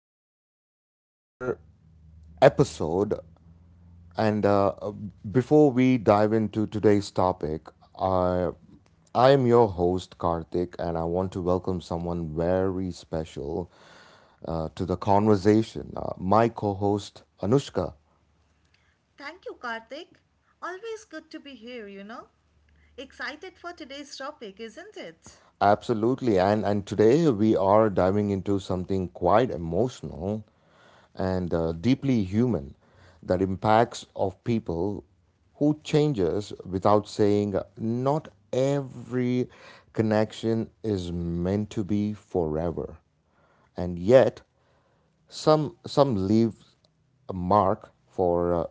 back to another episode. And Before we dive into today's topic, I, I am your host, Karthik, and I want to welcome someone very special to the conversation, my co host, Anushka. Thank you, Karthik. Always good to be here, you know. Excited for today's topic, isn't it? Absolutely. And today we are diving into something quite emotional and deeply human that impacts of people who changes without saying not every connection is meant to be forever. And yet some leave a mark for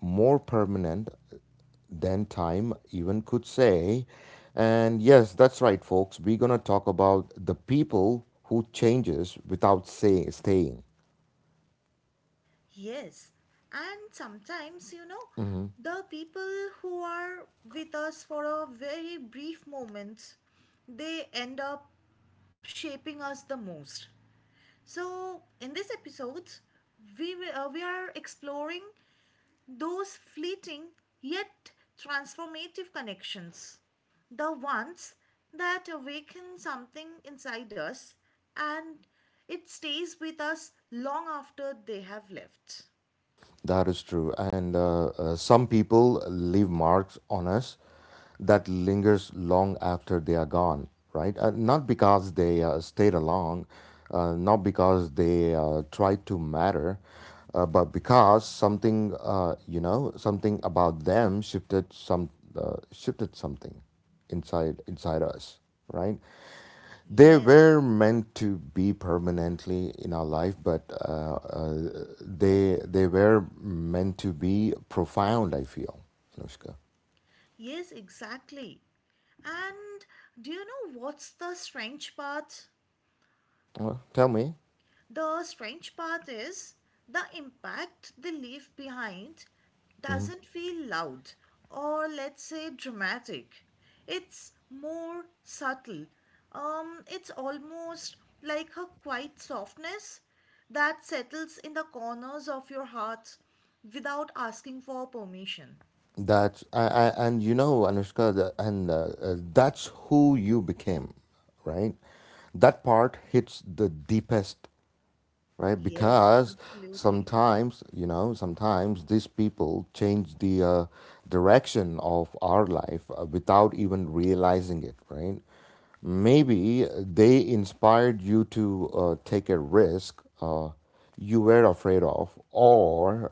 more permanent than time even could say. And yes, that's right, folks. We're gonna talk about the people who changes without say, staying. Yes. And sometimes, you know, the people who are with us for a very brief moment, they end up shaping us the most. So, in this episode, we are exploring those fleeting yet transformative connections, the ones that awaken something inside us and it stays with us long after they have left. That is true. And Some people leave marks on us that lingers long after they are gone, right? Not because they stayed along, not because they tried to matter, but because something, something about them shifted something inside us, right? They Yes, were meant to be permanently in our life, but they were meant to be profound. I feel, Anushka. yes, exactly. And do you know what's the strange part? Well, tell me. The strange part is the impact they leave behind Hmm. doesn't feel loud or, let's say, dramatic. It's more subtle. It's almost like a quiet softness that settles in the corners of your heart without asking for permission. That, and you know, Anushka, the, and that's who you became, right? That part hits the deepest, right? Yes, Because absolutely. sometimes, you know, sometimes these people change the direction of our life without even realizing it, right? Maybe they inspired you to take a risk you were afraid of, or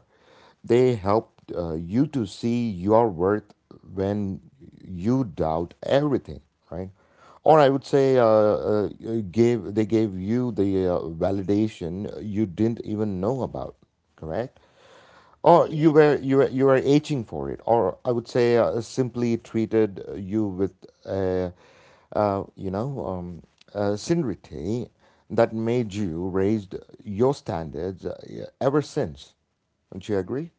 they helped you to see your worth when you doubt everything, right? Or I would say, gave they gave you the validation you didn't even know about, correct? Or you Yeah, were you were you were aching for it, or I would say simply treated you with, uh, uh, you know, um, sincerity that made you raised your standards ever since. Don't you agree?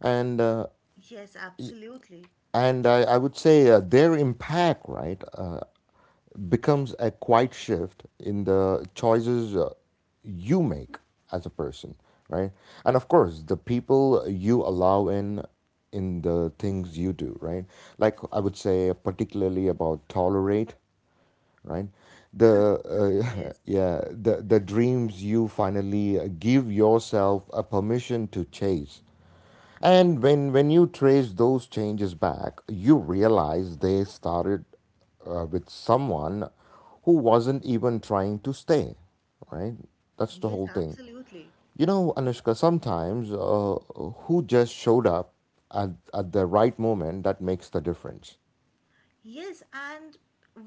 And uh, yes, absolutely. and I would say their impact, right, becomes a quiet shift in the choices you make as a person, right? And of course, the people you allow in the things you do, right? Like I would say, particularly about tolerate, right, the Yes, yeah the dreams you finally give yourself a permission to chase, and when you trace those changes back, you realize they started with someone who wasn't even trying to stay, right? That's the yes, whole thing, absolutely. you know, Anushka. Sometimes who just showed up at the right moment that makes the difference. Yes, and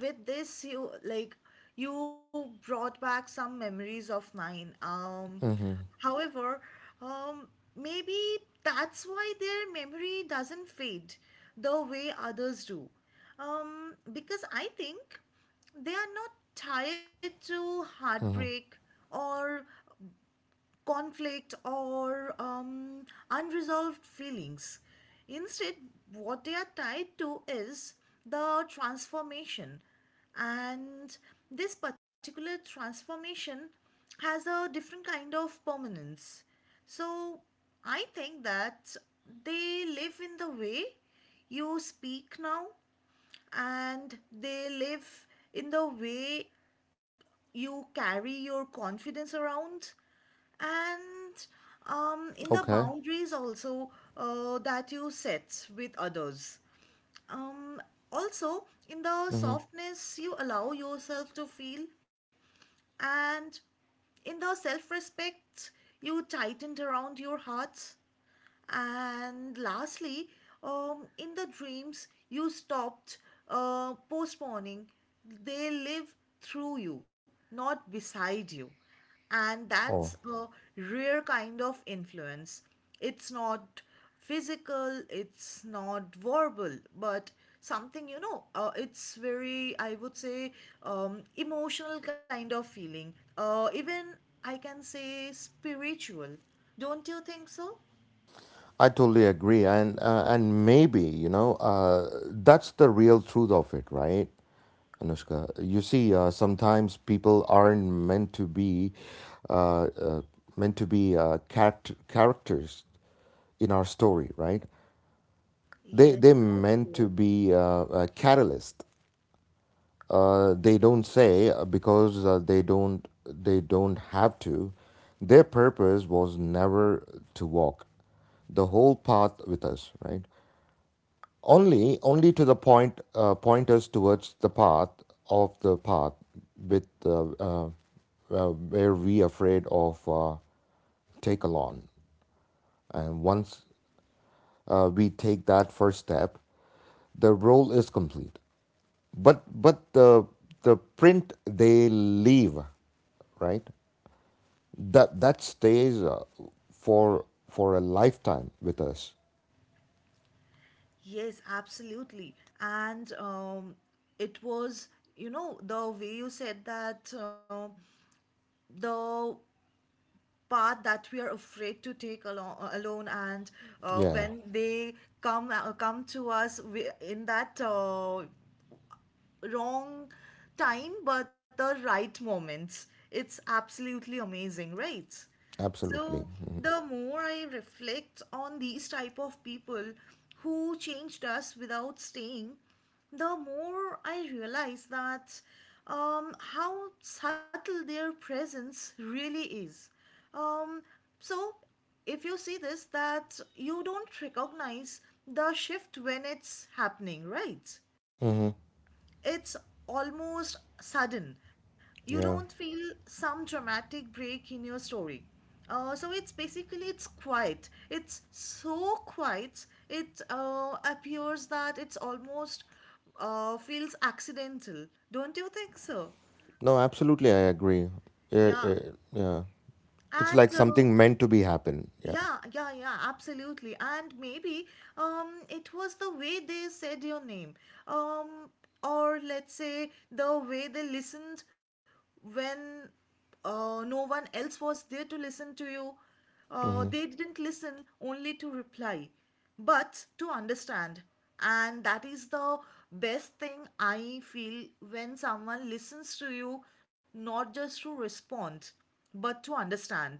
with this, you, like, you brought back some memories of mine. Um, Mm-hmm. however, um, maybe that's why their memory doesn't fade the way others do. Because I think they are not tied to Mm-hmm. heartbreak, or conflict, or unresolved feelings. Instead, what they are tied to is the transformation, and this particular transformation has a different kind of permanence. So, I think that they live in the way you speak now, and they live in the way you carry your confidence around, and in the Okay. boundaries also that you set with others. Um, Also, in the Mm-hmm. softness you allow yourself to feel, and in the self respect you tightened around your heart. And lastly, in the dreams you stopped postponing, they live through you, not beside you. And that's Oh. a rare kind of influence. It's not physical, it's not verbal, but something, you know, it's very, I would say, emotional kind of feeling. Even I can say spiritual. Don't you think so? I totally agree, and maybe you know that's the real truth of it, right, Anushka? You see, sometimes people aren't meant to be uh, uh, characters in our story, right? They Yes, they so meant to true. be a catalyst. They don't say because they don't have to. Their purpose was never to walk the whole path with us, right? Only to the pointers towards the path of the path with where we afraid of take along, and once we take that first step, the role is complete, but the print they leave, right, that stays for a lifetime with us. Yes, absolutely. And it was, you know, the way you said that the path that we are afraid to take alone, alone and uh, Yeah, when they come uh, come to us, we, in that wrong time, but the right moments. It's absolutely amazing, right? absolutely. So Hmm. the more I reflect on these type of people who changed us without staying, the more I realize that how subtle their presence really is. Um, so if you see this, that you don't recognize the shift when it's happening, right? Hmm. It's almost sudden. You don't Yeah. feel some dramatic break in your story. So it's basically, it's quiet. It's so quiet. It appears that it's almost feels accidental. Don't you think so? No, absolutely, I agree. Yeah. Yeah, yeah, yeah. It's And like something meant to be happen. Yeah. Yeah, yeah, yeah, absolutely. And maybe it was the way they said your name, um, or, let's say, the way they listened when no one else was there to listen to you. Hmm. They didn't listen only to reply, but to understand. And that is the best thing, I feel, when someone listens to you, not just to respond, but to understand.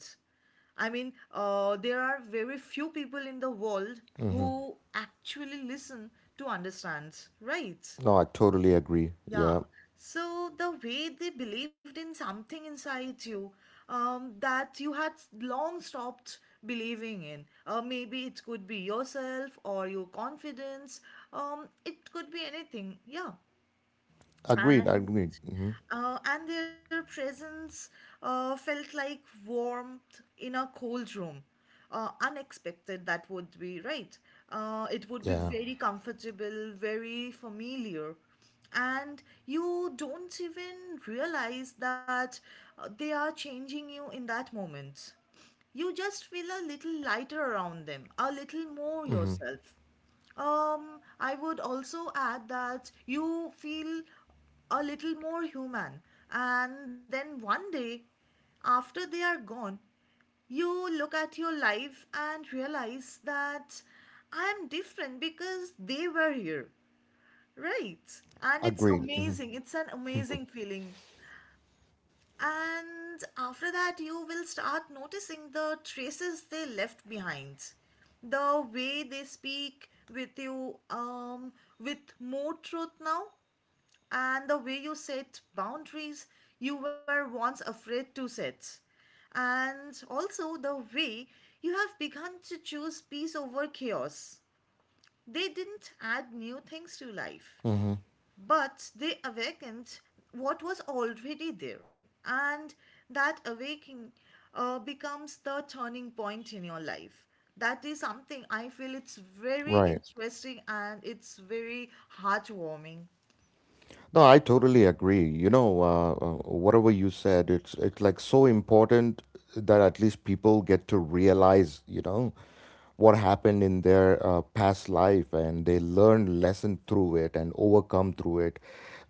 I mean, there are very few people in the world Hmm. who actually listen to understand, right? No, I totally agree. Yeah. Yeah. So the way they believed in something inside you that you had long stopped believing in. Maybe it could be yourself or your confidence. It could be anything. Yeah. Agreed. And Agreed. Hmm. and their presence felt like warmth in a cold room. Unexpected, that would be, right? It would be Yeah. very comfortable, very familiar. And you don't even realize that they are changing you in that moment. You just feel a little lighter around them, a little more Hmm. yourself. I would also add that you feel a little more human, and then one day, after they are gone, you look at your life and realize that I am different because they were here, right? And it's Agreed. Hmm. amazing, it's an amazing feeling. And after that, you will start noticing the traces they left behind, the way they speak with you, with more truth now, and the way you set boundaries you were once afraid to set, and also the way you have begun to choose peace over chaos. They didn't add new things to life, Hmm. but they awakened what was already there, and that awakening becomes the turning point in your life. That is something I feel it's very Right. interesting and it's very heartwarming. No, I totally agree. You know, whatever you said, it's like so important that at least people get to realize, you know, what happened in their past life and they learn lesson through it and overcome through it,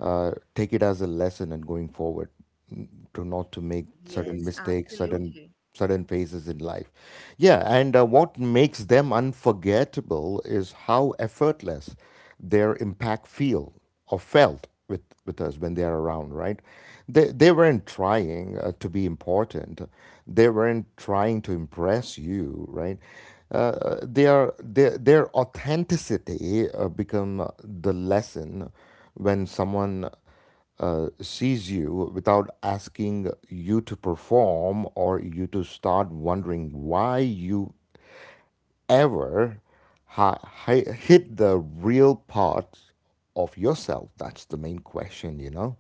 take it as a lesson and going forward, mm, to not to make Yes, certain mistakes, absolutely. certain certain phases in life. Yeah, and what makes them unforgettable is how effortless their impact feel or felt with us when they are around, right? They weren't trying to be important, they weren't trying to impress you, right? Their authenticity become the lesson. When someone sees you without asking you to perform or you to start wondering why you ever hit the real part of yourself, that's the main question, you know.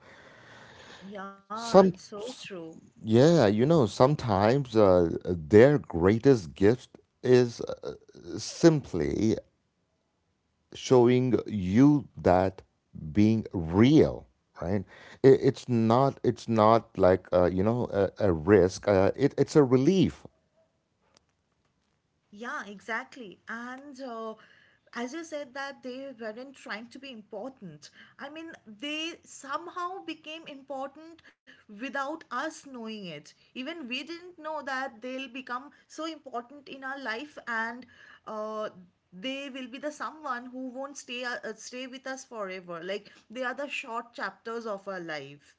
Yeah, it's some so s- true. yeah, you know, sometimes their greatest gift is simply showing you that being real, right, it's not like a risk, it's a relief. Yeah, exactly. And as you said, that they weren't trying to be important. I mean, they somehow became important without us knowing it. Even we didn't know that they'll become so important in our life, and uh, they will be the someone who won't stay, stay with us forever. Like, they are the short chapters of our life.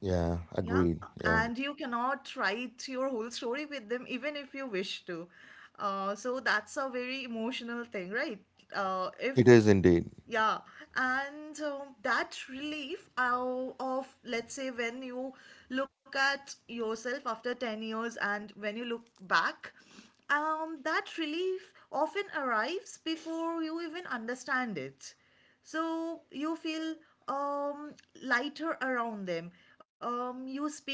Yeah, Yeah, agreed, and yeah. you cannot write your whole story with them even if you wish to. So that's a very emotional thing, right? If It is indeed. yeah. And um, that relief of, let's say, when you look at yourself after 10 years and when you look back, that relief often arrives before you even understand it. So you feel um, lighter around them, you speak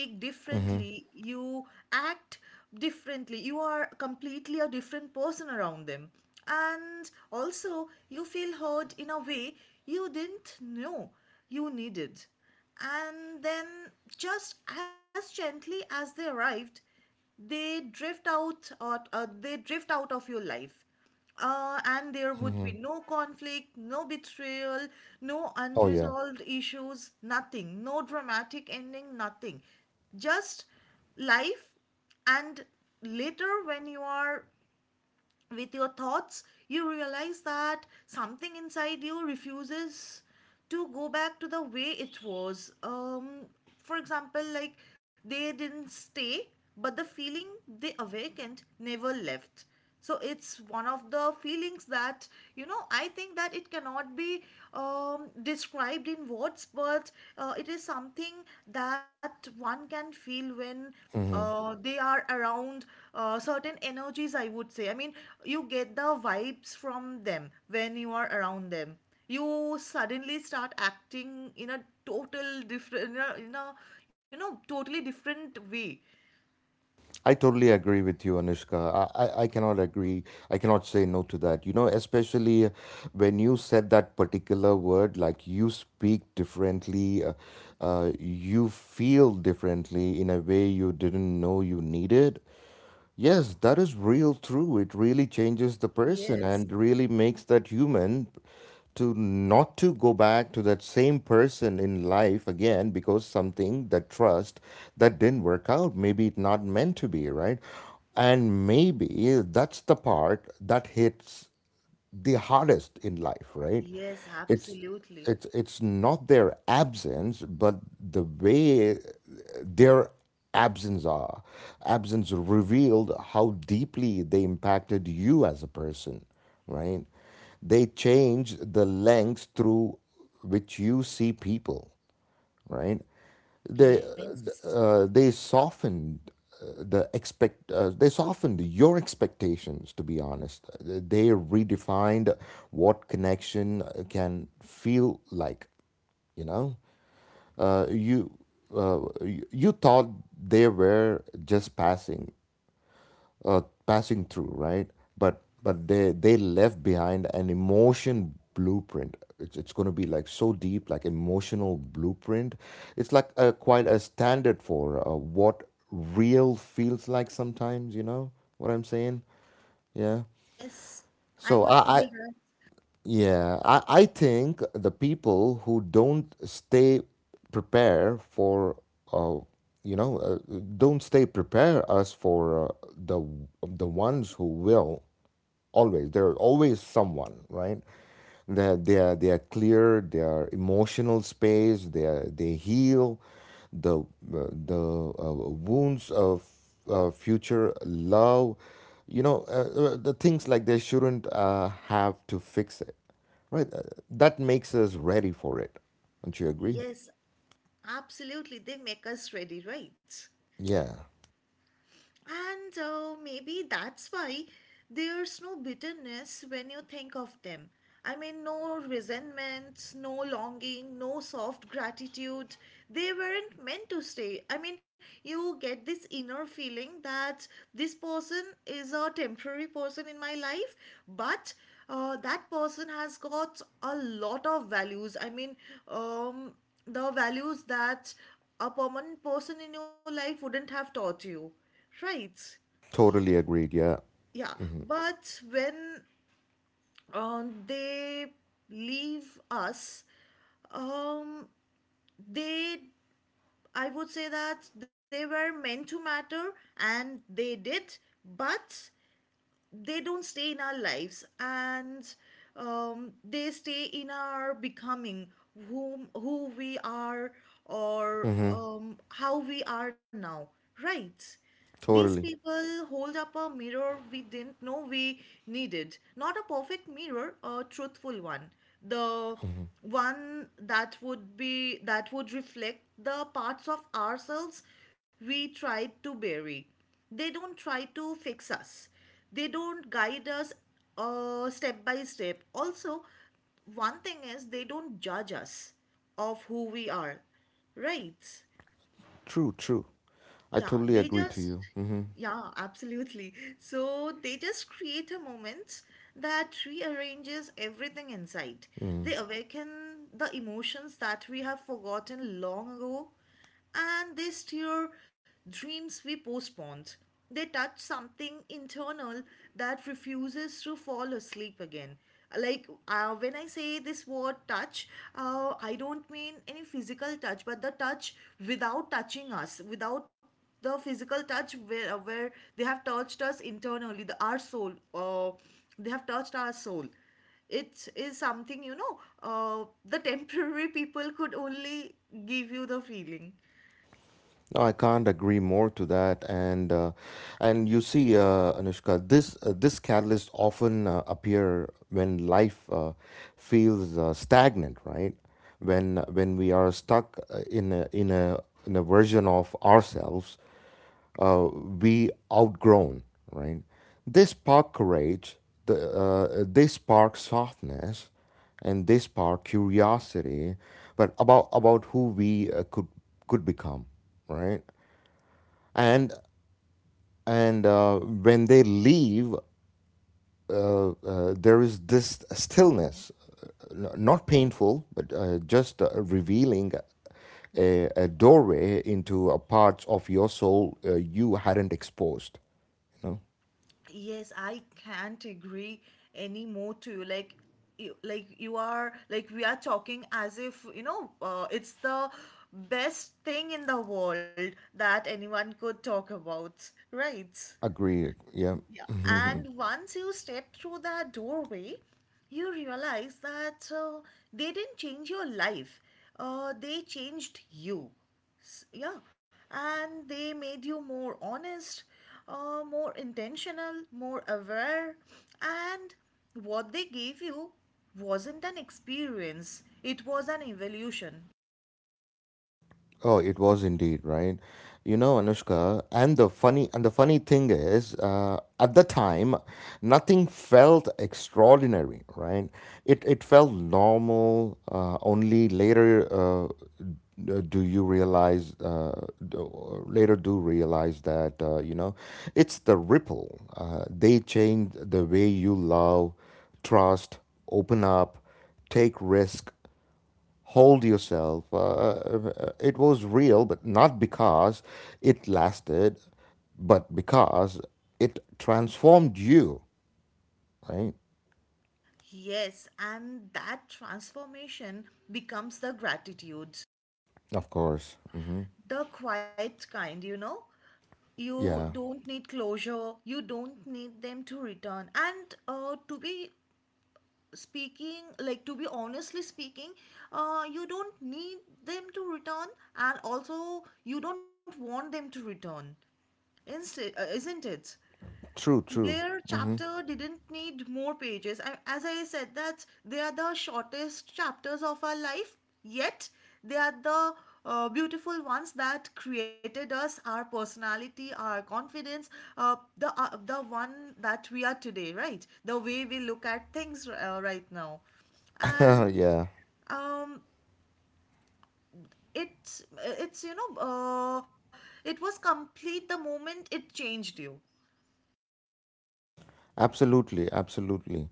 Hmm. differently, you act differently, you are completely a different person around them, and also you feel heard in a way you didn't know you needed. And then, just as gently as they arrived, they drift out of your life, and there would Hmm. be no conflict, no betrayal, no Oh yeah. unresolved issues, nothing, no dramatic ending, nothing. Just life. And later, when you are with your thoughts, you realize that something inside you refuses to go back to the way it was. For example, like, they didn't stay, but the feeling they awakened never left. So it's one of the feelings that, you know, I think that it cannot be described in words, but it is something that one can feel when Hmm. They are around, certain energies, I would say. I mean, you get the vibes from them when you are around them. You suddenly start acting in a total different, in a you know, totally different way. I totally agree with you, Anushka. I cannot agree, I cannot say no to that, you know, especially when you said that particular word, like you speak differently, you feel differently in a way you didn't know you needed. Yes, that is real true. It really changes the person and Yes, really makes that human to not to go back to that same person in life again, because something that trust that didn't work out, maybe it not meant to be, right? And maybe that's the part that hits the hardest in life, right? yes, It's it's absolutely. it's not their absence, but the way their absence are absence revealed how deeply they impacted you as a person, right? They change the lens through which you see people, right? They Yes, they softened they softened your expectations. To be honest, they redefined what connection can feel like. You know, uh, you you thought they were just passing, passing through, right? But they left behind an emotion blueprint. It's going to be like so deep, like emotional blueprint. It's like a, quite a standard for what real feels like sometimes, you know what I'm saying. Yeah. yes, I so could i i feel that. yeah, I think the people who don't stay prepare for, uh, you know, uh, don't stay prepare us for the ones who will always. There are always someone, right? That they are clear. Their emotional space. They heal the the uh, wounds of future love, you know. The things like they shouldn't have to fix it, right? That makes us ready for it, don't you agree? Yes, absolutely. They make us ready, right? Yeah, And maybe that's why there's no bitterness when you think of them. I mean, no resentments, no longing, no soft gratitude. They weren't meant to stay. I mean, you get this inner feeling that this person is a temporary person in my life, but that person has got a lot of values. I mean, um, the values that a permanent person in your life wouldn't have taught you. Right. totally agreed, yeah. Yeah. But when they leave us, um, they, I would say, that they were meant to matter and they did, but they don't stay in our lives, and they stay in our becoming, whom, who we are, or Mm-hmm. How we are now, right? These Totally. people hold up a mirror we didn't know we needed. Not a perfect mirror, a truthful one. The one that would reflect the parts of ourselves we tried to bury. They don't try to fix us, they don't guide us step by step. Also, one thing is, they don't judge us of who we are, right? True, true. Yeah, I they totally agree just, to you. Mm-hmm. yeah, absolutely. So they just create a moment that rearranges everything inside. They awaken the emotions that we have forgotten long ago, and they stir dreams we postponed. They touch something internal that refuses to fall asleep again. Like, when I say this word touch, I don't mean any physical touch, but the touch without touching us, without the physical touch where, where they have touched us internally, the our soul, uh, they have touched our soul. It is something, you know, the temporary people could only give you the feeling. No, I can't agree more to that, and you see, Anushka, this this catalyst often appear when life feels stagnant, right? When we are stuck in a version of ourselves uh, we outgrown, right? They spark courage, they spark softness, and they spark curiosity, but about who we could become, right? And and when they leave, there is this stillness, n- not painful, but just revealing a doorway into a parts of your soul you hadn't exposed. You know? Yes, I can't agree any more to you. Like, like you are, like, we are talking as if, you know, it's the best thing in the world that anyone could talk about, right? Agreed. Yeah. Yeah, and once you step through that doorway, you realize that they didn't change your life, they changed you. Yeah, and they made you more honest, more intentional, more aware, and what they gave you wasn't an experience, it was an evolution. Oh, it was indeed, right. You know, Anushka, and the funny, and the funny thing is, at the time, nothing felt extraordinary, right? It felt normal. Only later, do you realize? Or later, do realize that you know, it's the ripple. They change the way you love, trust, open up, take risk, hold yourself. It was real, but not because it lasted, but because it transformed you, right? Yes, and that transformation becomes the gratitude, Of course. Hmm. the quiet kind, you know. You Yeah. don't need closure, you don't need them to return and to be speaking, like, to be honestly speaking, you don't need them to return, and also you don't want them to return, instead, isn't it? True, true. Their Hmm. chapter didn't need more pages. I, as I said, that they are the shortest chapters of our life, yet they are the beautiful ones that created us, our personality, our confidence, the one that we are today, right? The way we look at things right now and Yeah. um it's it's you know it was complete the moment it changed you. Absolutely, absolutely.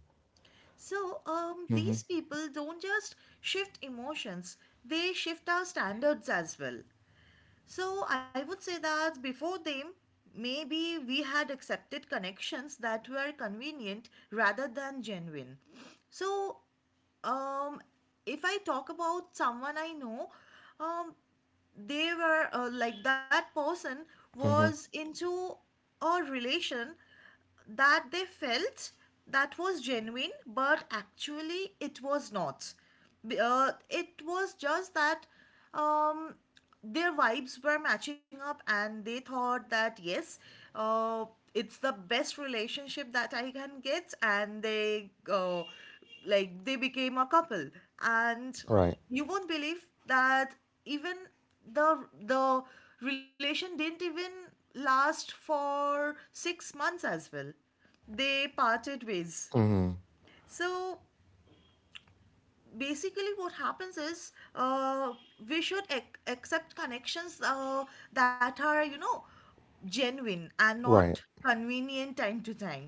So, these Hmm. people don't just shift emotions, they shift our standards as well. So, I would say that before them, maybe we had accepted connections that were convenient rather than genuine. So, um, if I talk about someone I know, um, they were like that person was Hmm. into a relation that they felt that was genuine, but actually it was not. It was just that um, their vibes were matching up, and they thought that yes, uh, it's the best relationship that I can get, and they became a couple. And Right. you won't believe that even the relation didn't even last for 6 months as well, they parted ways. Hmm. So basically what happens is, we should accept connections that are, you know, genuine and not Right. convenient time to time.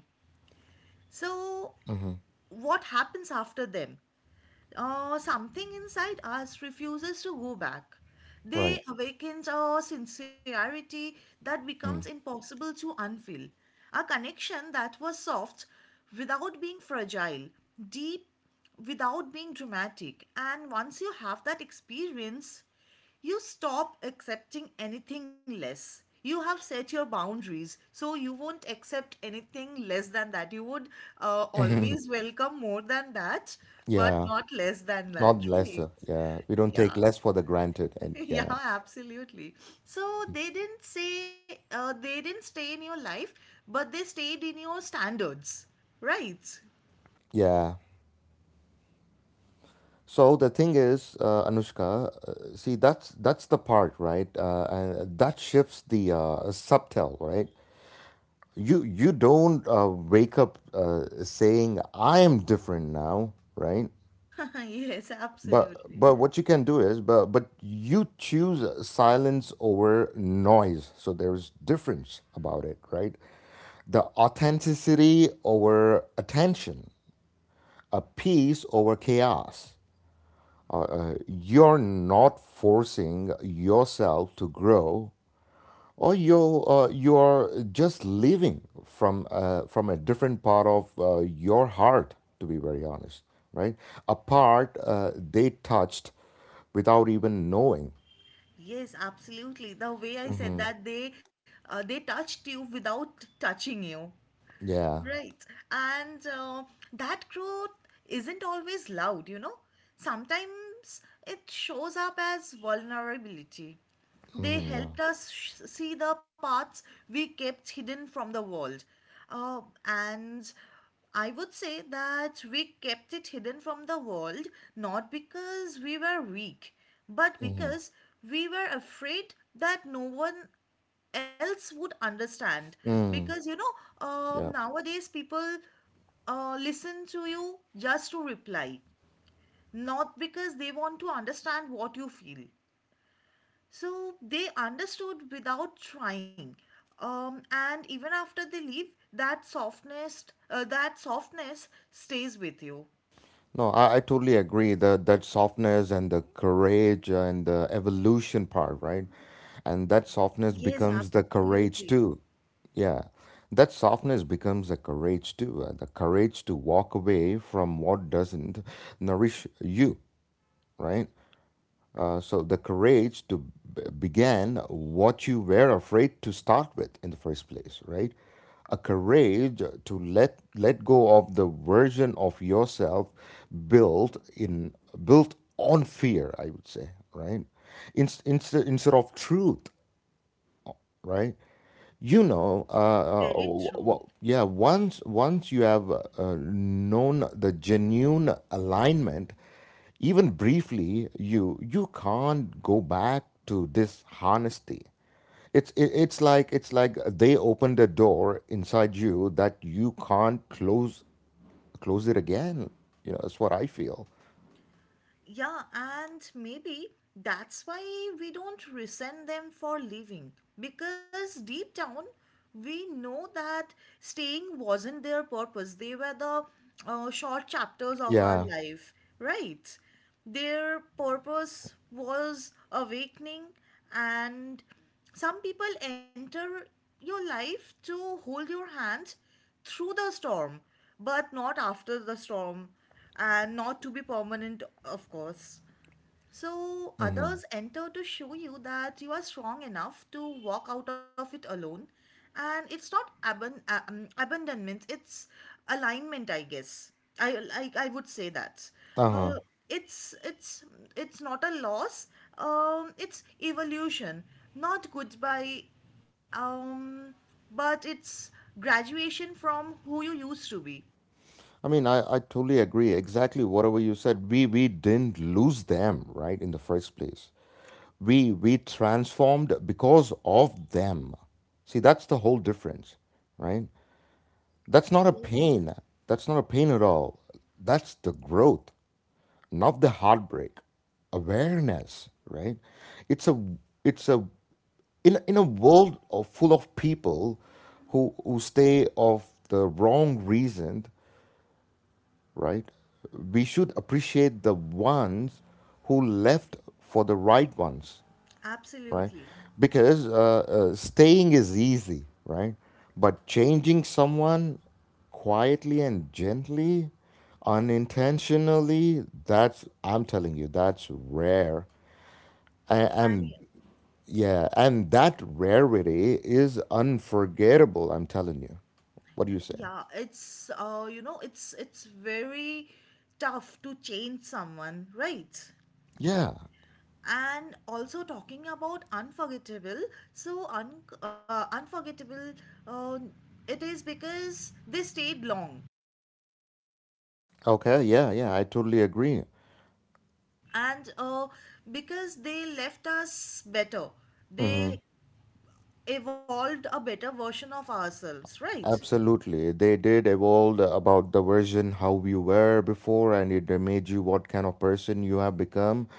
So Hmm. what happens after them, or something inside us refuses to go back. Right. They awaken a sincerity that becomes Mm. impossible to unfeel, a connection that was soft without being fragile, deep without being dramatic. And once you have that experience, you stop accepting anything less. You have set your boundaries, so you won't accept anything less than that. You would always welcome more than that, but Yeah. not less than that, Not right? lesser. Yeah. We don't Yeah. take less for the granted. And Yeah, yeah. absolutely. So they didn't stay in your life, but they stayed in your standards, right? Yeah. So the thing is, Anushka, see that's the part, right? And that shifts the subtle, right? You don't wake up saying I am different now, right? Yes, But absolutely. but what you can do is, but you choose silence over noise, so there's difference about it, right? The authenticity over attention, a peace over chaos. You're not forcing yourself to grow, or you you are just living from a different part of your heart. To be very honest, right? A part they touched without even knowing. Yes, absolutely. The way I said that they touched you without touching you. Yeah. Right. And that growth isn't always loud, you know. Sometimes it shows up as vulnerability. They Mhm, yeah. helped us see the parts we kept hidden from the world. Uh, and I would say that we kept it hidden from the world not because we were weak, but Hmm. because we were afraid that no one else would understand, because, Mm, you know, yeah. nowadays people listen to you just to reply, not because they want to understand what you feel. So they understood without trying, and even after they leave that softness, that softness stays with you. No, I totally agree. The that softness and the courage and the evolution part, right? And that softness Yes, becomes the absolutely. courage too. Yeah, that softness becomes a courage too, the courage to walk away from what doesn't nourish you, right? So the courage to begin what you were afraid to start with in the first place, right? A courage to let go of the version of yourself built in built on fear, I would say, right? Instead of truth, right? You know, Very true. Yeah. Once you have known the genuine alignment, even briefly, you can't go back to dishonesty. It's like they opened a door inside you that you can't close it again. You know, that's what I feel. Yeah, and maybe that's why we don't resent them for leaving, because deep down we know that staying wasn't their purpose. They were the short chapters of our Yeah. life, right? Their purpose was awakening, and some people enter your life to hold your hand through the storm, but not after the storm, and not to be permanent, of course. So Mm-hmm. others enter to show you that you are strong enough to walk out of it alone. And it's not abandonment, it's alignment, I guess. I would say that. Uh Uh, it's not a loss. It's evolution, not goodbye. Um, but it's graduation from who you used to be. I mean, I totally agree. Exactly whatever you said. We didn't lose them, right, in the first place. We transformed because of them. See, that's the whole difference, right? That's not a Yes. pain. That's not a pain at all. That's the growth, not the heartbreak. Awareness, right? It's a it's a In in a world of, full of people who stay of the wrong reason, right? We should appreciate the ones who left for the right ones, right? Absolutely. Because staying is easy, right? But changing someone quietly and gently, unintentionally, that's, I'm telling you, that's rare. A- And I. yeah, and that rarity is unforgettable, I'm telling you. What do you say? Yeah, it's, you know, it's very tough to change someone, right? Yeah. And also talking about unforgettable, so un unforgettable, uh, it is because they stayed long, Okay. Yeah. Yeah. I totally agree. and because they left us better, Mm-hmm. they evolved a better version of ourselves, right? Absolutely. They did evolve about the version how you were before, and it made you what kind of person you have become.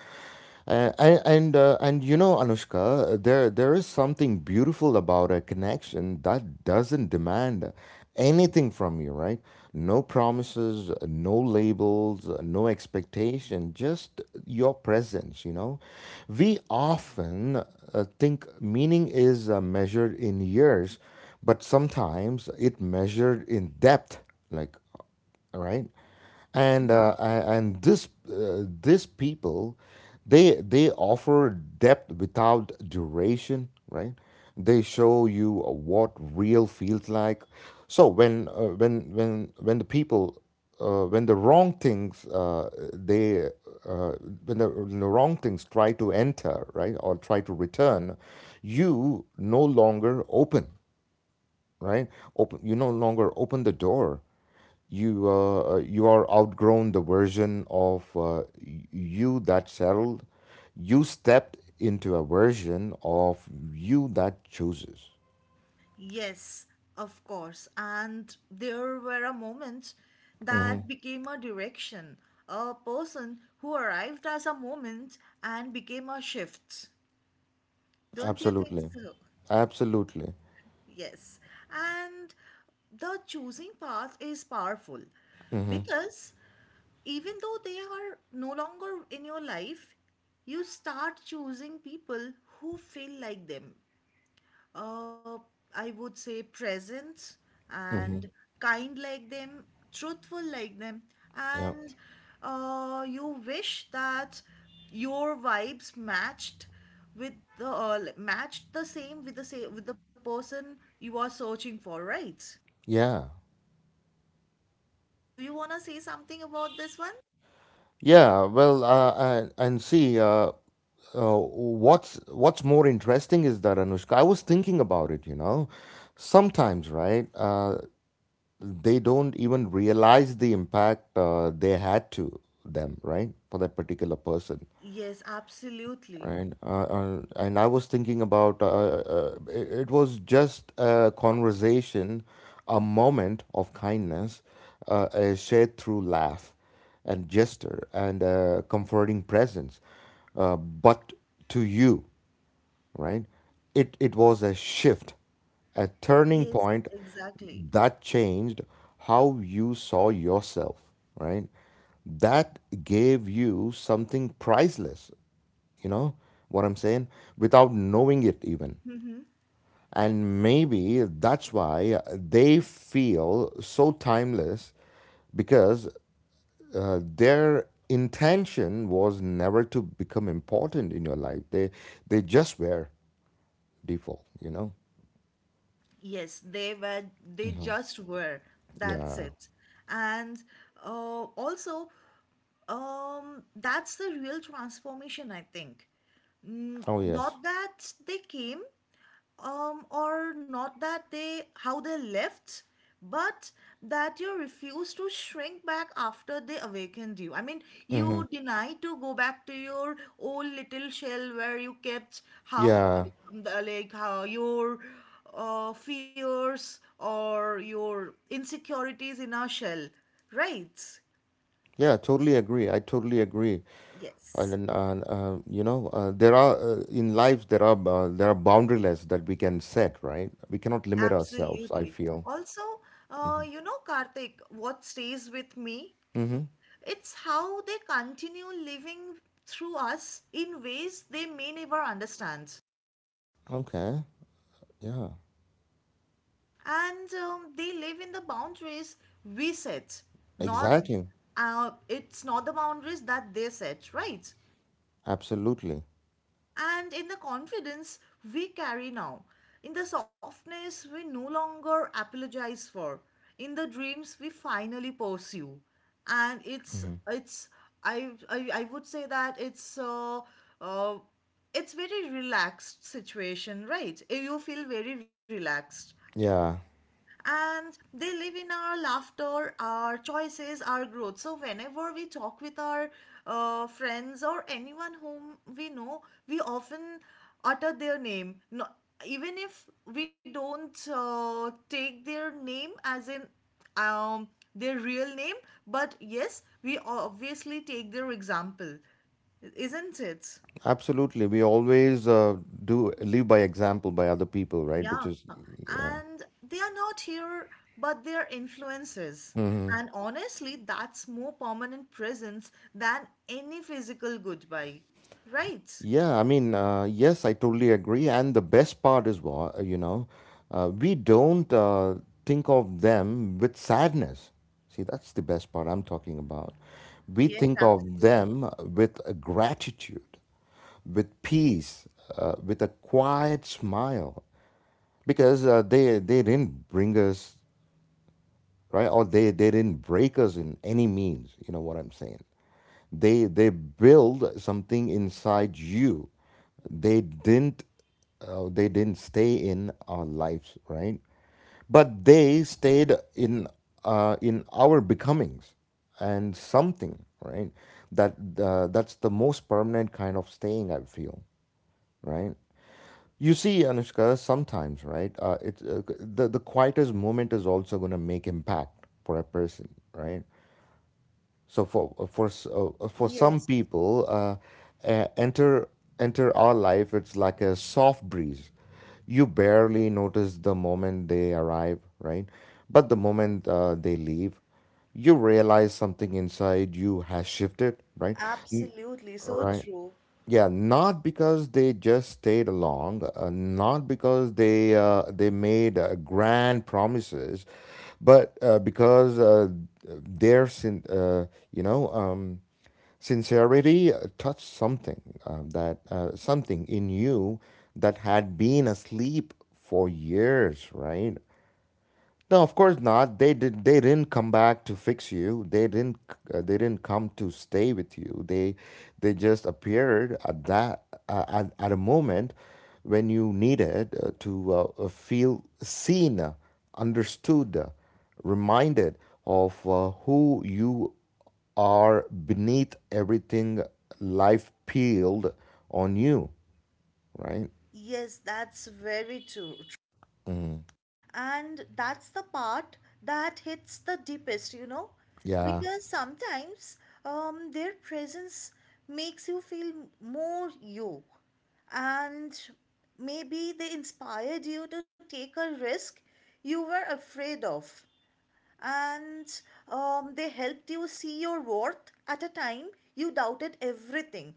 And you know, Anushka, there is something beautiful about a connection that doesn't demand anything from you, right? No promises, no labels, no expectation, just your presence. You know, we often think meaning is measured in years, but sometimes it measured in depth, like all right. And Yeah. and this these people, they offer depth without duration, right? They show you what real feels like. So when the people, when the wrong things, they uh, when the wrong things try to enter, right, or try to return, you no longer open, right? Open, you no longer open the door. You you are outgrown the version of you that settled. You stepped into a version of you that chooses. Yes, of course. And there were a moment Hmm. that became a direction, a person who arrived as a moment and became a shift. Don't you think Absolutely, so? absolutely. Yes. And the choosing path is powerful Hmm. because even though they are no longer in your life, you start choosing people who feel like them, uh, I would say presence and Hmm. kind like them, truthful like them, Yeah, and you wish that your vibes matched with the like, matched the same with the same with the person you are searching for, right? yeah, Do you wanna say something about this one? yeah. Well, and see, uh, what's more interesting is that, Anushka, I was thinking about it. You know, sometimes, right? They don't even realize the impact they had to them, right? For that particular person, Yes, absolutely. right? And I was thinking about it, it was just a conversation, a moment of kindness, a shared through laugh and gesture and comforting presence. But to you, right? It was a shift, a turning Yes, point exactly. that changed how you saw yourself, right? That gave you something priceless, you know what I'm saying? Without knowing it even. Mm-hmm. And maybe that's why they feel so timeless because their intention was never to become important in your life. They just were default, you know. Yes, they were, they just were. That's Yeah. it. And uh, also, that's the real transformation, I think. Mm. Oh yes. Not that they came, or not that they how they left, but that you refuse to shrink back after they awakened you. I mean, Mm-hmm. you deny to go back to your old little shell where you kept half, Yeah. Like how your fears or your insecurities in our shell, right? Yeah. Totally agree. I totally agree. And, then, Yes, you know, there are in life there are boundaryless that we can set. Right. We cannot limit ourselves. I absolutely. feel. Also, Mm-hmm. You know, Karthik, what stays with me, Mm-hmm. it's how they continue living through us in ways they may never understand. Okay. Yeah. And they live in the boundaries we set, not, Exactly. It's not the boundaries that they set, right? Absolutely. And in the confidence we carry now, in the softness we no longer apologize for, in the dreams we finally pursue. And it's, Hmm. it's I would say that uh, it's very relaxed situation, right? Eh, you feel very relaxed, Yeah. and they live in our laughter, our choices, our growth. So, whenever we talk with our friends or anyone whom we know, we often utter their name. No, even if we don't take their name as in um, their real name, but yes, we obviously take their example, isn't it? Absolutely. We always do live by example by other people, right? Which Yeah, is yeah. and they are not here, but their influences. Mhm. And honestly, that's more permanent presence than any physical goodbye, right? Yeah, I mean, yes, I totally agree. And the best part is what, you know, we don't think of them with sadness. See, that's the best part I'm talking about. We Yes, think of absolutely. them with a gratitude, with peace, with a quiet smile, because they didn't bring us, right? Or they didn't break us in any means, you know what I'm saying? They build something inside you. They didn't, they didn't stay in our lives, right? But they stayed in our becomings and something, right? That, that's the most permanent kind of staying, I feel, right? You see, Anushka, sometimes, right? It the quietest moment is also going to make impact for a person, right? So for some Yes, people, uh, enter enter our life, it's like a soft breeze. You barely notice the moment they arrive, right? But the moment they leave, you realize something inside you has shifted, right? absolutely. So Right. true. Yeah, not because they just stayed along, not because they made grand promises, but because their sin, uh, you know, sincerity touched something that something in you that had been asleep for years, right? No, of course not. They did. They didn't come back to fix you. They didn't. They didn't come to stay with you. They just appeared at that at a moment when you needed to feel seen, understood, reminded of who you are beneath everything life peeled on you. Right? Yes, that's very true. Mm. And that's the part that hits the deepest, you know, Yeah. because sometimes their presence makes you feel more you, and maybe they inspired you to take a risk you were afraid of, and they helped you see your worth at a time you doubted everything.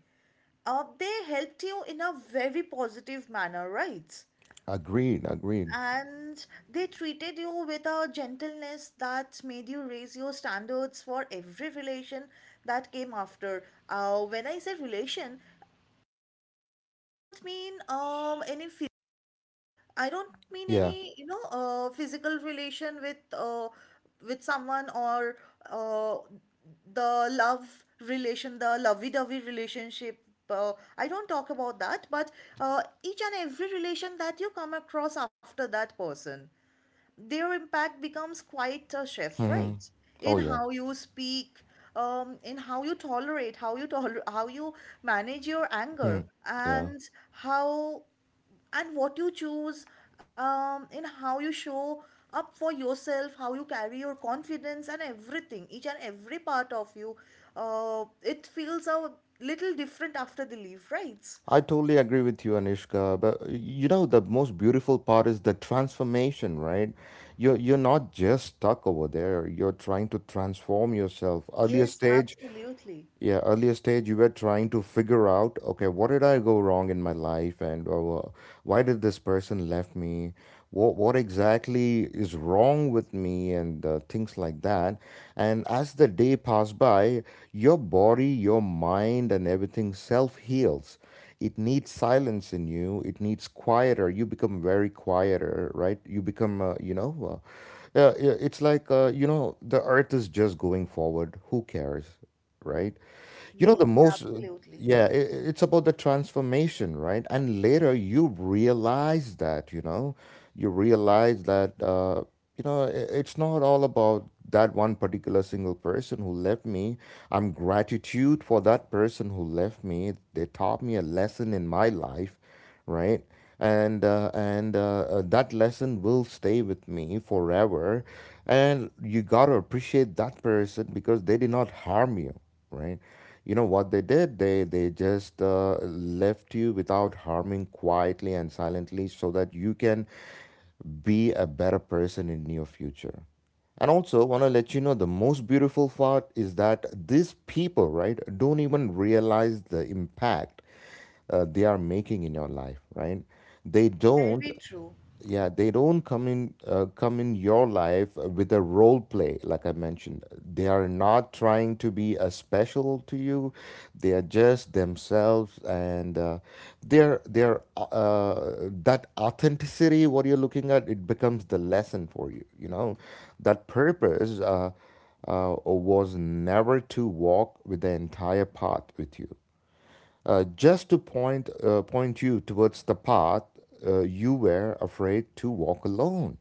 They helped you in a very positive manner, right? Agreed. Agreed. And they treated you with a gentleness that made you raise your standards for every relation that came after. When I say relation, I don't mean any I don't mean Yeah. any, you know, physical relation with someone, or uh, the love relation, the lovey-dovey relationship. I don't talk about that, but each and every relation that you come across after that person, their impact becomes quite a shift, Hmm. right? Oh In yeah. how you speak, in how you tolerate, how you manage your anger, Mhm. Yeah, and how and what you choose, in how you show up for yourself, how you carry your confidence, and everything, each and every part of you, it feels a little different after the leave, right? I totally agree with you, Anishka. But you know, the most beautiful part is the transformation, right? You're not just stuck over there. You're trying to transform yourself. Earlier Yes, stage, absolutely. yeah, earlier stage, you were trying to figure out, okay, what did I go wrong in my life, and why did this person left me? What exactly is wrong with me, and things like that. And as the day passed by, your body, your mind, and everything self heals. It needs silence in you. It needs quieter. You become very quieter, right? You become, you know, it's like you know, the earth is just going forward. Who cares, right? You know, the Yes, most, absolutely. yeah, it's about the transformation, right? And later you realize that, you know, you realize that, you know, I it's not all about that one particular single person who left me. I'm gratitude for that person who left me. They taught me a lesson in my life, right? And that lesson will stay with me forever. And you gotta appreciate that person because they did not harm you, right? You know what they did? They just left you without harming quietly and silently, so that you can be a better person in your future. And also, want to let you know the most beautiful part is that these people, right, don't even realize the impact they are making in your life, right? They don't, Very true. yeah, they don't come in, come in your life with a role play like I mentioned. They are not trying to be a special to you. They are just themselves, and their that authenticity. What you're looking at, it becomes the lesson for you. You know, that purpose was never to walk with the entire path with you, just to point point you towards the path you were afraid to walk alone,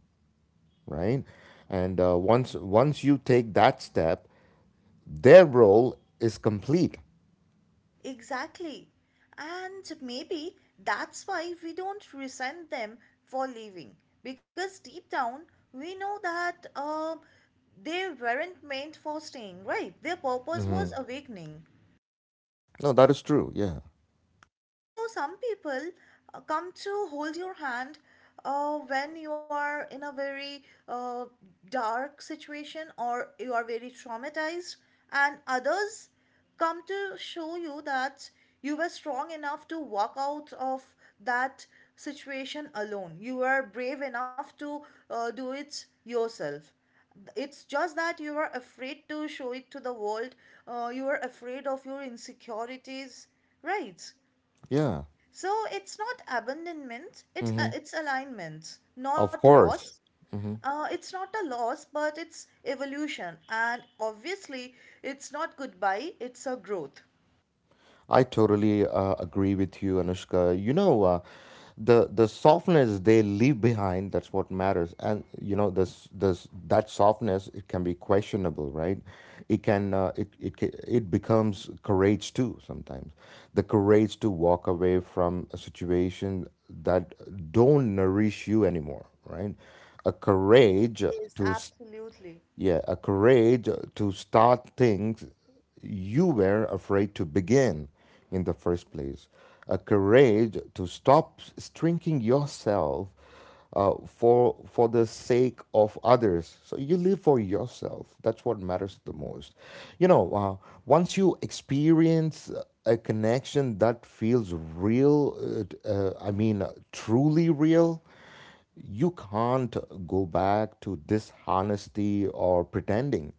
right. And once you take that step, their role is complete. Exactly. And maybe that's why we don't resent them for leaving, because deep down we know that they weren't meant for staying, right? Their purpose was Hmm. awakening. No, that is true. Yeah. So some people come to hold your hand when you are in a very dark situation, or you are very traumatized, and others come to show you that you were strong enough to walk out of that situation alone. You were brave enough to do it yourself. It's just that you are afraid to show it to the world, you are afraid of your insecurities, right? Yeah. So it's not abandonment, it's, Hmm. it's alignment, not Of loss. course. It's not a loss, but it's evolution, and obviously, it's not goodbye. It's a growth. I totally agree with you, Anushka. You know, the softness they leave behind, that's what matters, and you know this that softness, it can be questionable, right? It can it becomes courage too sometimes, the courage to walk away from a situation that don't nourish you anymore, right? A courage Yes, to absolutely. yeah, a courage to start things you were afraid to begin in the first place. A courage to stop shrinking yourself for the sake of others. So you live for yourself. That's what matters the most. You know, once you experience a connection that feels real, truly real, you can't go back to dishonesty or pretending.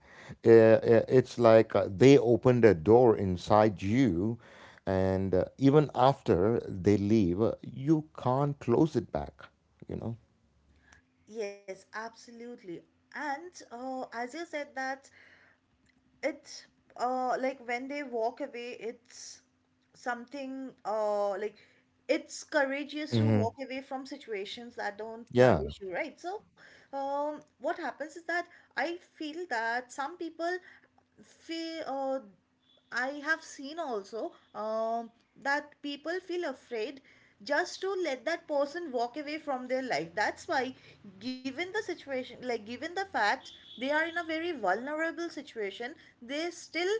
It's like they opened a door inside you, and even after they leave, you can't close it back, you know? Yes, absolutely. And as you said that it's, like when they walk away it's something, like it's courageous to Hmm. walk away from situations that don't Yeah, nourish you, right? So what happens is that I feel that some people feel I have seen also, that people feel afraid just to let that person walk away from their life. That's why, given the situation, like given the fact they are in a very vulnerable situation, they still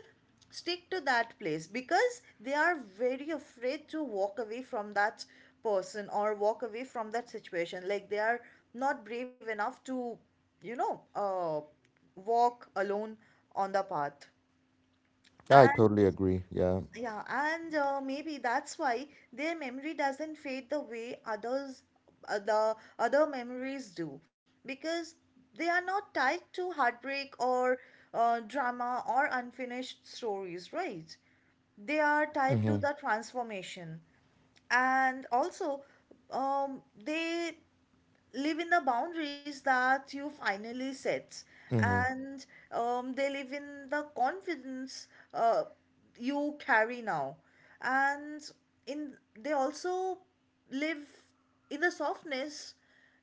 stick to that place because they are very afraid to walk away from that person, or walk away from that situation. Like they are not brave enough to, you know, walk alone on the path. I And totally agree. Yeah. yeah, and maybe that's why their memory doesn't fade the way others, the other memories do, because they are not tied to heartbreak or drama or unfinished stories, right? They are tied to Hmm. the transformation, and also, they live in the boundaries that you finally set, Hmm. and they live in the confidence uh, you carry now, and in, they also live in the softness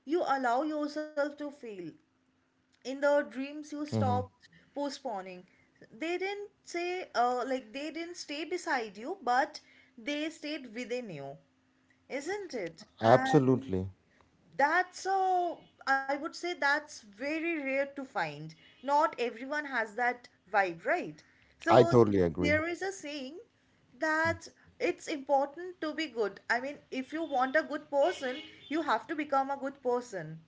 you allow yourself to feel, in the dreams you Hmm. stopped postponing. They didn't say like they didn't stay beside you, but they stayed within you, isn't it? And Absolutely. that's a, I would say that's very rare to find. Not everyone has that vibe, right? I So totally agree. there is a saying that it's important to be good. I mean, if you want a good person, you have to become a good person.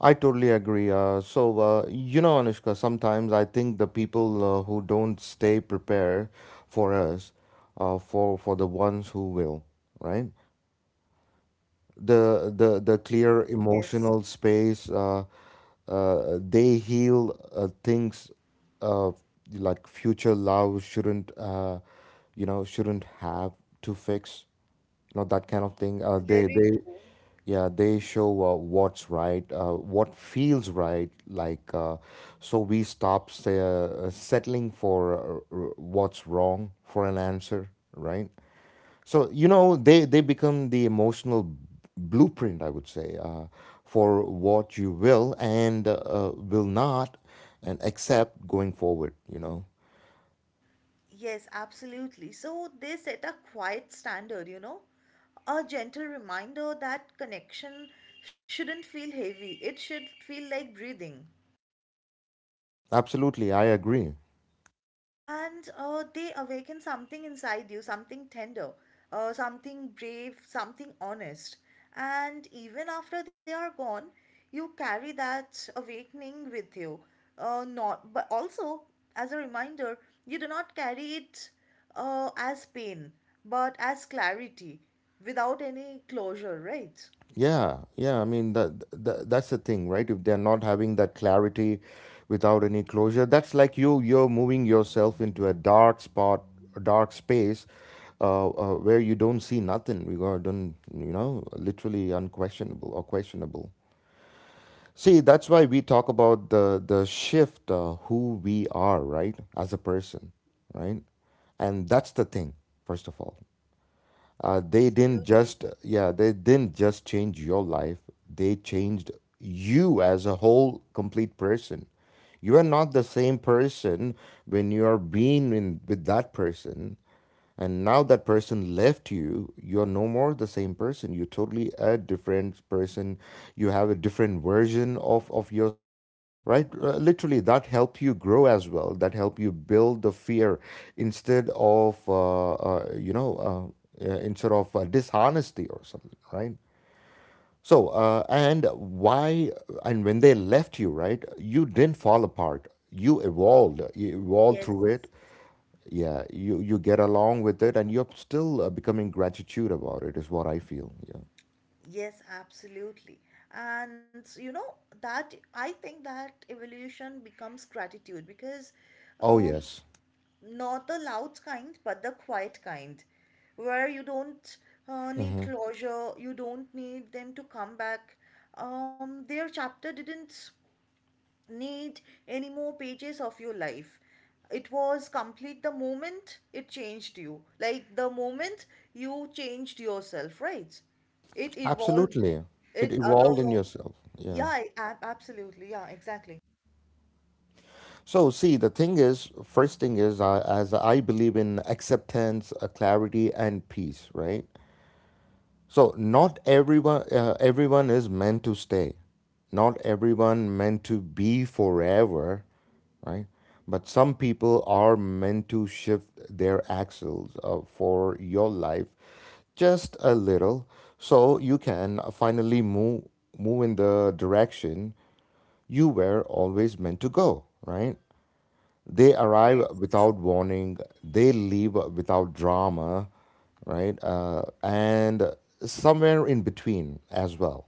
I totally agree. You know, Anushka, sometimes I think the people who don't stay prepared for us, for the ones who will, right? The clear Yes, emotional space, they heal things, uh, like future love shouldn't, you know, shouldn't have to fix, you know, that kind of thing. Very They true. yeah, they show what's right, what feels right, like, so we stop say, settling for what's wrong for an answer, right? So you know they become the emotional blueprint, I would say, for what you will and will not and accept going forward. You know, Yes, absolutely. So they set a quiet standard, you know, a gentle reminder that connection shouldn't feel heavy. It should feel like breathing. absolutely, I agree. And They awaken something inside you, something tender, something brave, something honest. And even after they are gone, you carry that awakening with you, not but also as a reminder. You do not carry it as pain but as clarity, without any closure, right? Yeah, yeah. I mean that, that that's the thing, right? If they're not having that clarity without any closure, that's like you're moving yourself into a dark spot, a dark space. Where you don't see nothing, you are don't literally unquestionable or questionable. See, that's why we talk about the shift, who we are, right, as a person, right, and that's the thing. First of all, they didn't Absolutely. just, yeah, they didn't just change your life, they changed you as a whole complete person. You are not the same person when you are being in, with that person, and now that person left you, you're no more the same person, you're totally a different person. You have a different version of yourself, right. Literally that help you grow as well, that help you build the fear instead of instead of dishonesty or something, right? So, and why, and when they left you, right, you didn't fall apart. You evolved. You evolved Yes. through it. Yeah, you get along with it, and you're still becoming gratitude about it, is what I feel. Yeah. Yes, absolutely. And you know, that I think that evolution becomes gratitude because, Oh, um, yes. not the loud kind, but the quiet kind, where you don't need Hmm. closure, you don't need them to come back. Their chapter didn't need any more pages of your life. It was complete the moment it changed you. Like the moment you changed yourself, right? It evolved. Absolutely. It It other. evolved in yourself. Yeah, Yeah. Absolutely. Yeah, exactly. So, see, the thing is, first thing is, as I believe in acceptance, clarity, and peace, right? So not everyone, everyone is meant to stay. Not everyone meant to be forever, right? But some people are meant to shift their axles for your life, just a little, so you can finally move in the direction you were always meant to go, right? They arrive Yes. without warning, they leave without drama, right? And somewhere in between as well.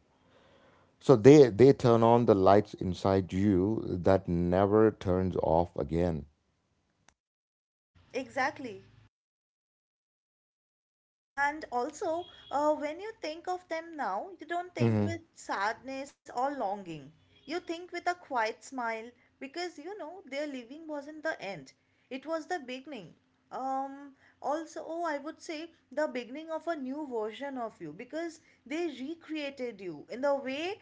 So they turn on the lights inside you that never turns off again. Exactly. And also, when you think of them now, you don't think Hmm. with sadness or longing. You think with a quiet smile, because you know their living wasn't the end, it was the beginning. Um, Also, oh, I would say the beginning of a new version of you, because they recreated you in the way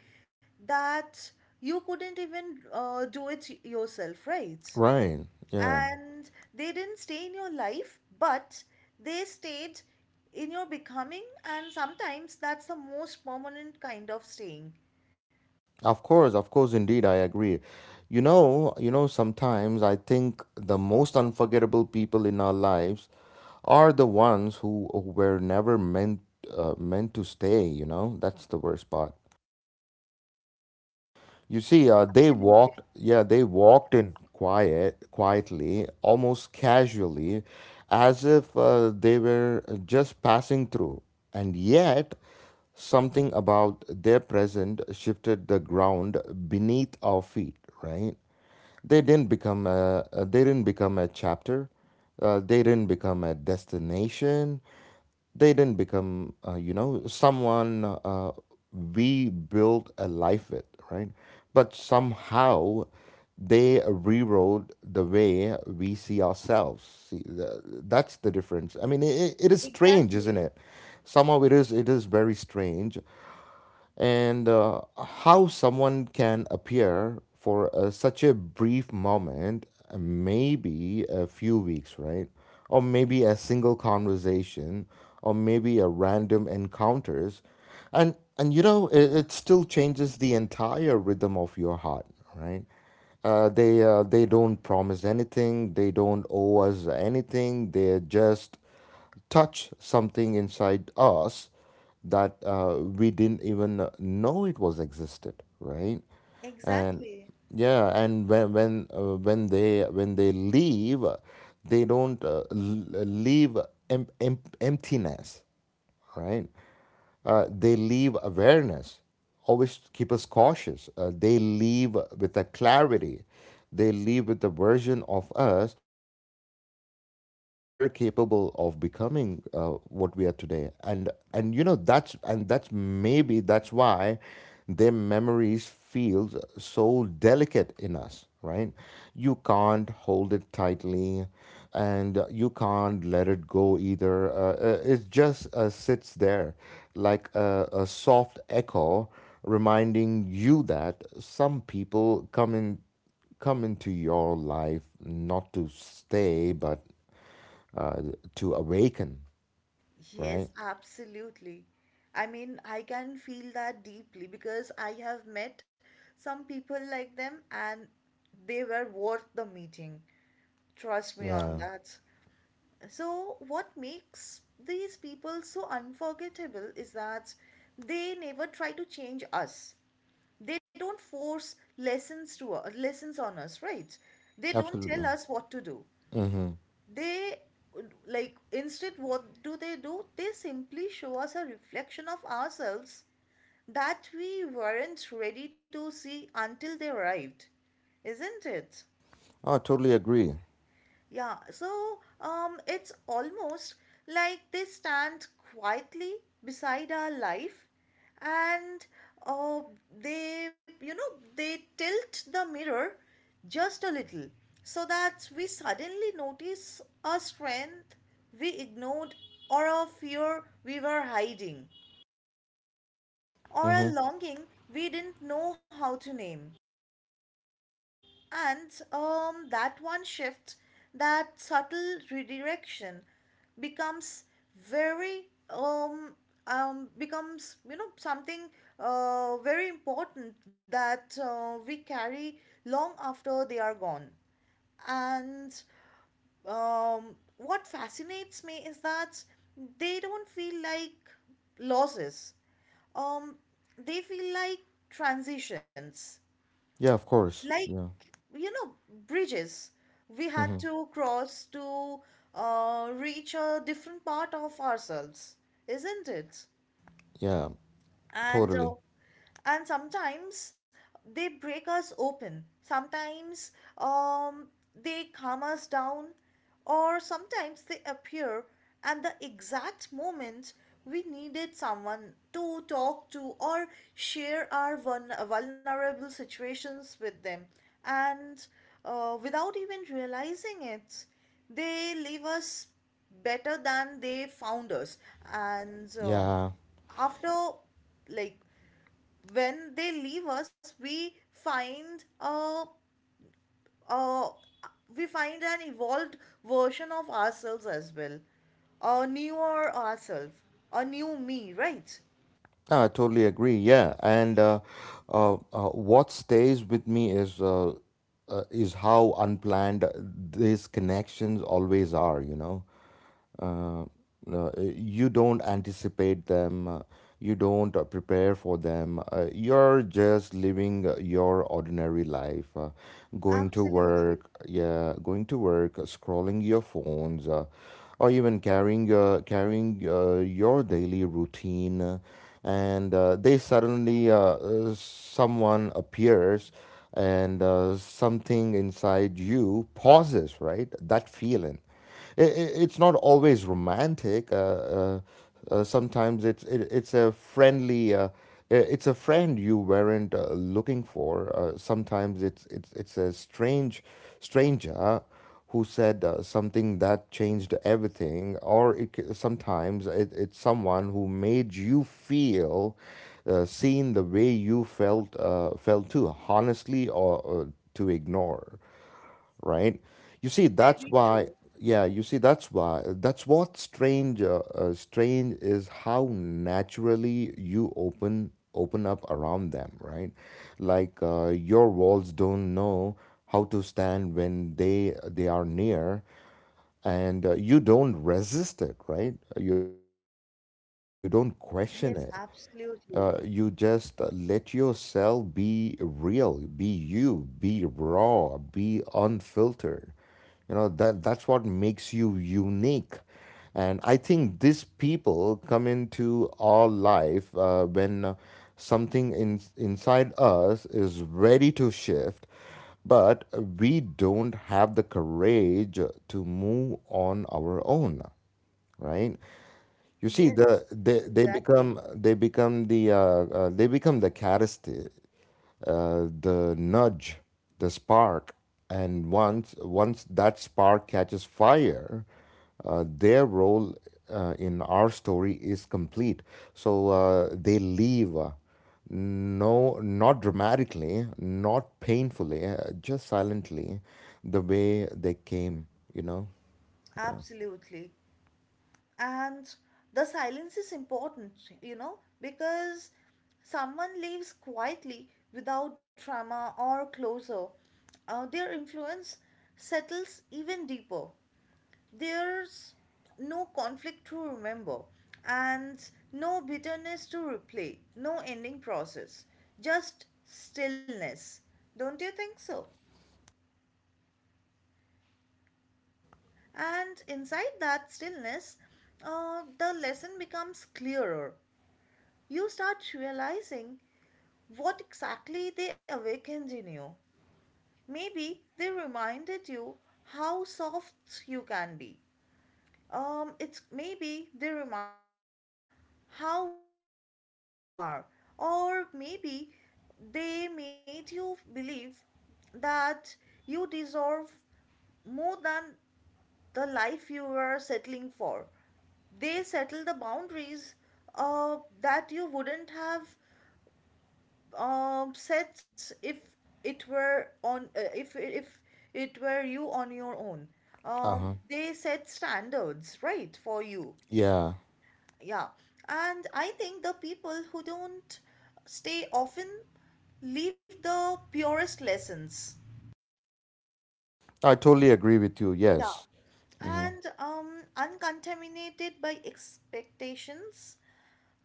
that you couldn't even do it yourself, right? Right. Yeah. And they didn't stay in your life, but they stayed in your becoming, and sometimes that's the most permanent kind of staying. Of course, indeed, I agree. You know, sometimes I think the most unforgettable people in our lives are the ones who were never meant to stay, you know? That's the worst part. You see, they Absolutely. walked, yeah, they walked in quietly, almost casually, as if they were just passing through. And yet, something about their present shifted the ground beneath our feet, right? They didn't become they didn't become a chapter. They didn't become a destination, they didn't become someone we built a life with, right, but somehow they rewrote the way we see ourselves. See that's the difference. I mean, it is strange, isn't Exactly. it? Somehow it is very strange. And how someone can appear for such a brief moment, maybe a few weeks, right? Or maybe a single conversation, or maybe a random encounters, and you know it still changes the entire rhythm of your heart, right? They don't promise anything. They don't owe us anything. They're just touch something inside us that we didn't even know it was existed, right? And Exactly. yeah, and when they leave, they don't leave emptiness, right? They leave awareness, always keep us cautious. They leave with a clarity. They leave with a version of us we didn't know we were capable of becoming, what we are today. And that's maybe that's why their memories feels so delicate in us, right? You can't hold it tightly, and you can't let it go either. It just sits there like a soft echo, reminding you that some people come into your life not to stay but uh, to awaken, right? Yes, absolutely. I mean, I can feel that deeply, because I have met some people like them, and they were worth the meeting, trust me on Yeah, that. So, what makes these people so unforgettable is that they never try to change us. They don't force lessons to us, lessons on us, right? They don't tell absolutely. us what to do. Mm-hmm. They, like, instead, what do? They simply show us a reflection of ourselves that we weren't ready to see until they arrived, isn't it? Oh, I totally agree. Yeah, so it's almost like they stand quietly beside our life and, uh, they, you know, they tilt the mirror just a little, so that we suddenly notice a strength we ignored, or a fear we were hiding, or a Mm-hmm. longing we didn't know how to name. And that one shift, that subtle redirection, becomes very becomes, you know, something very important that we carry long after they are gone. And what fascinates me is that they don't feel like losses. Um, they feel like transitions, Yeah, of like, course. Yeah. you know, bridges we had Mm-hmm. to cross to reach a different part of ourselves, isn't it? Yeah, and uh, totally. and sometimes they break us open, sometimes um, they calm us down, or sometimes they appear at the exact moment we needed someone to talk to, or share our vulnerable situations with them, and without even realizing it, they leave us better than they found us. And Yeah. after, like, when they leave us, we find a we find an evolved version of ourselves as well, a newer ourselves, a new me, right? No, I totally agree. Yeah, and uh, uh, what stays with me is how unplanned these connections always are. You know, uh, you don't anticipate them, you don't prepare for them, you're just living your ordinary life, going to Absolutely. work, yeah, going to work, scrolling your phones, or even carrying your daily routine, and they suddenly someone appears, and something inside you pauses, right, that feeling. It's not always romantic. Sometimes it's a friendly. It's a friend you weren't looking for. Sometimes it's a stranger who said something that changed everything, or sometimes it's someone who made you feel seen the way you felt too honestly, or to ignore, right? You see, that's Very why, true. yeah, you see, that's why, that's what strange, strange is how naturally you open up around them, right? Like your walls don't know how to stand when they are near, and you don't resist it, right? You don't resist against it. You don't question Yes, it, absolutely. You just let yourself be real, be you, be raw, be unfiltered. You know that that's what makes you unique. And I think these people come into our life when something inside us is ready to shift, but we don't have the courage to move on our own, right? You see, Yes, they exactly. become they become the catalyst, the nudge, the spark, and once that spark catches fire, their role in our story is complete. So they leave. No, not dramatically, not painfully, just silently, the way they came, you know? Yeah. Absolutely. And the silence is important, you know, because someone leaves quietly without drama or closure, their influence settles even deeper. There's no conflict to remember, and no bitterness to replay, no ending process, just stillness. Don't you think so? And inside that stillness, the lesson becomes clearer. You start realizing what exactly they awakened in you. Maybe they reminded you how soft you can be. It's, maybe they reminded you how brave you are, or maybe they made you believe that you deserve more than the life you were settling for. They settle the boundaries that you wouldn't have sets if it were on if it were you on your own. Uh huh. They set standards, right, for you. Yeah. Yeah, and I think the people who don't stay often leave the purest lessons. I totally agree with you. Yeah, Yes. Hmm. and uncontaminated by expectations,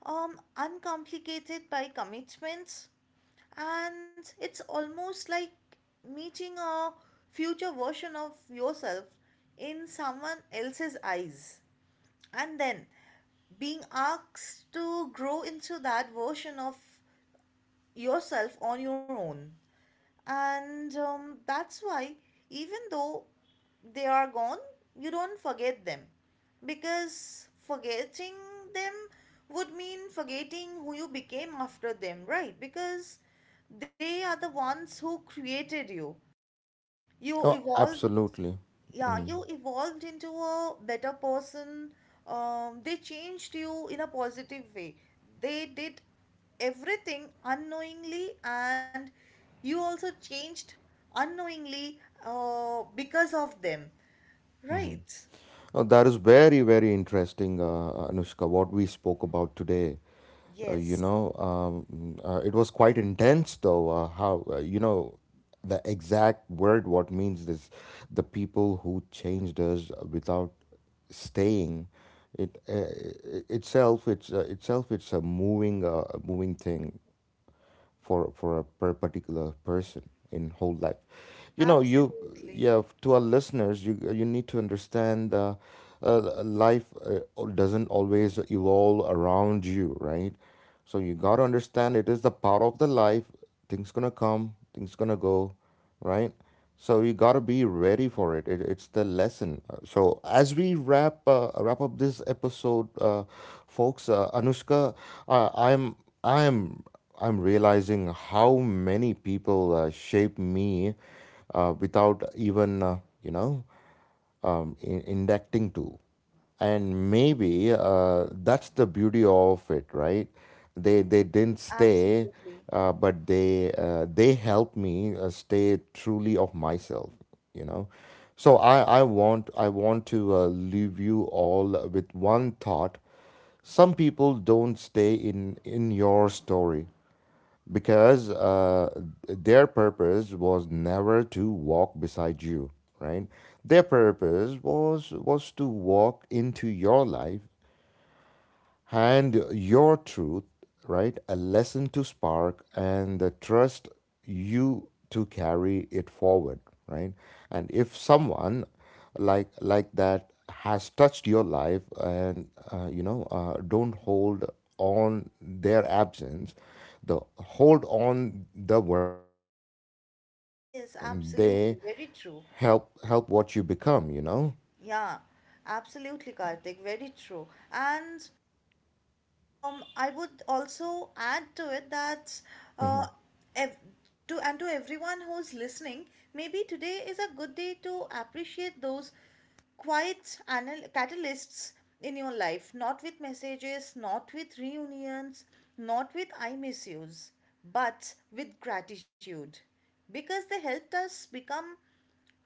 uncomplicated by commitments, and it's almost like meeting a future version of yourself in someone else's eyes, and then being asked to grow into that version of yourself on your own. And that's why, even though they are gone, you don't forget them, because forgetting them would mean forgetting who you became after them, right? Because they are the ones who created you. You Oh, evolved. absolutely. Yeah, Mhm. you evolved into a better person. They changed you in a positive way. They did everything unknowingly, and you also changed unknowingly because of them, right? Oh, that is very, very interesting, Anushka, what we spoke about today. You Yes, know, it was quite intense, though, how, you know, the exact word what means this, the people who changed us without staying, itself it's a moving thing for a per particular person in whole life. You know, you absolutely. yeah, to our listeners, you need to understand. Life doesn't always evolve around you, right? So you got to understand it is the part of the life. Things gonna come, things gonna go, right? So you got to be ready for it. It's the lesson. So as we wrap up this episode, folks, Anushka, uh, I'm I'm I'm realizing how many people shape me without even you know inducting to, and maybe that's the beauty of it, right, they didn't stay, Absolutely. But they helped me stay truly of myself, you know. So I want to leave you all with one thought. Some people don't stay in your story because their purpose was never to walk beside you, right, their purpose was to walk into your life, hand your truth, right? A lesson to spark, and the trust you to carry it forward, right? And if someone like that has touched your life, and don't hold on their absence, the hold on the version of you, Yes, and they absolutely. Very true. Help what you become, you know. Yeah, absolutely, Karthik. Very true. And I would also add to it that, Mm-hmm. uh, ev- to, and to everyone who's listening, maybe today is a good day to appreciate those quiet catalysts in your life, not with messages, not with reunions, not with I miss yous, but with gratitude, because they helped us become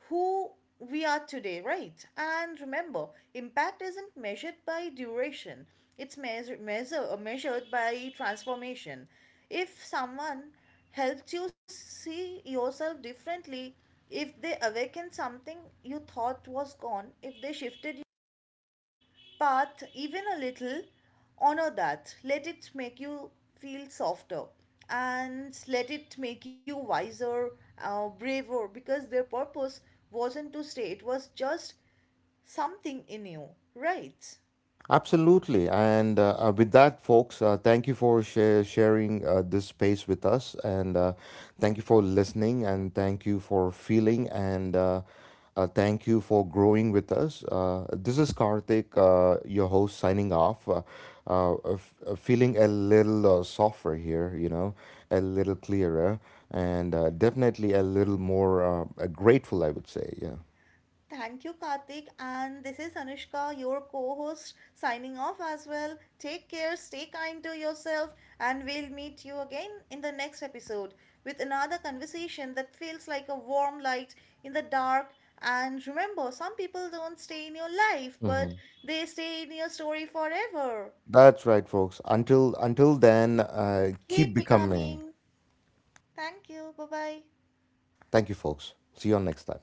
who we are today, right? And remember, impact isn't measured by duration, it's measured by transformation. If someone helps you see yourself differently, if they awaken something you thought was gone, if they shifted path even a little, honor that. Let it make you feel softer, and let it make you wiser, braver, because their purpose wasn't to stay, it was just something in you, right? Absolutely. And with that, folks, thank you for sharing this space with us. And thank you for listening. And thank you for feeling. And thank you for growing with us. This is Karthik, your host, signing off. Feeling a little softer here, you know, a little clearer, and definitely a little more grateful, I would say. Yeah. Thank you, Karthik. And this is Anushka, your co host, signing off as well. Take care, stay kind to yourself, and we'll meet you again in the next episode with another conversation that feels like a warm light in the dark. And remember, some people don't stay in your life, but Mhm. they stay in your story forever. That's right, folks. Until then, keep Keep becoming. becoming. Thank you. Bye bye. Thank you, folks. See you on next time.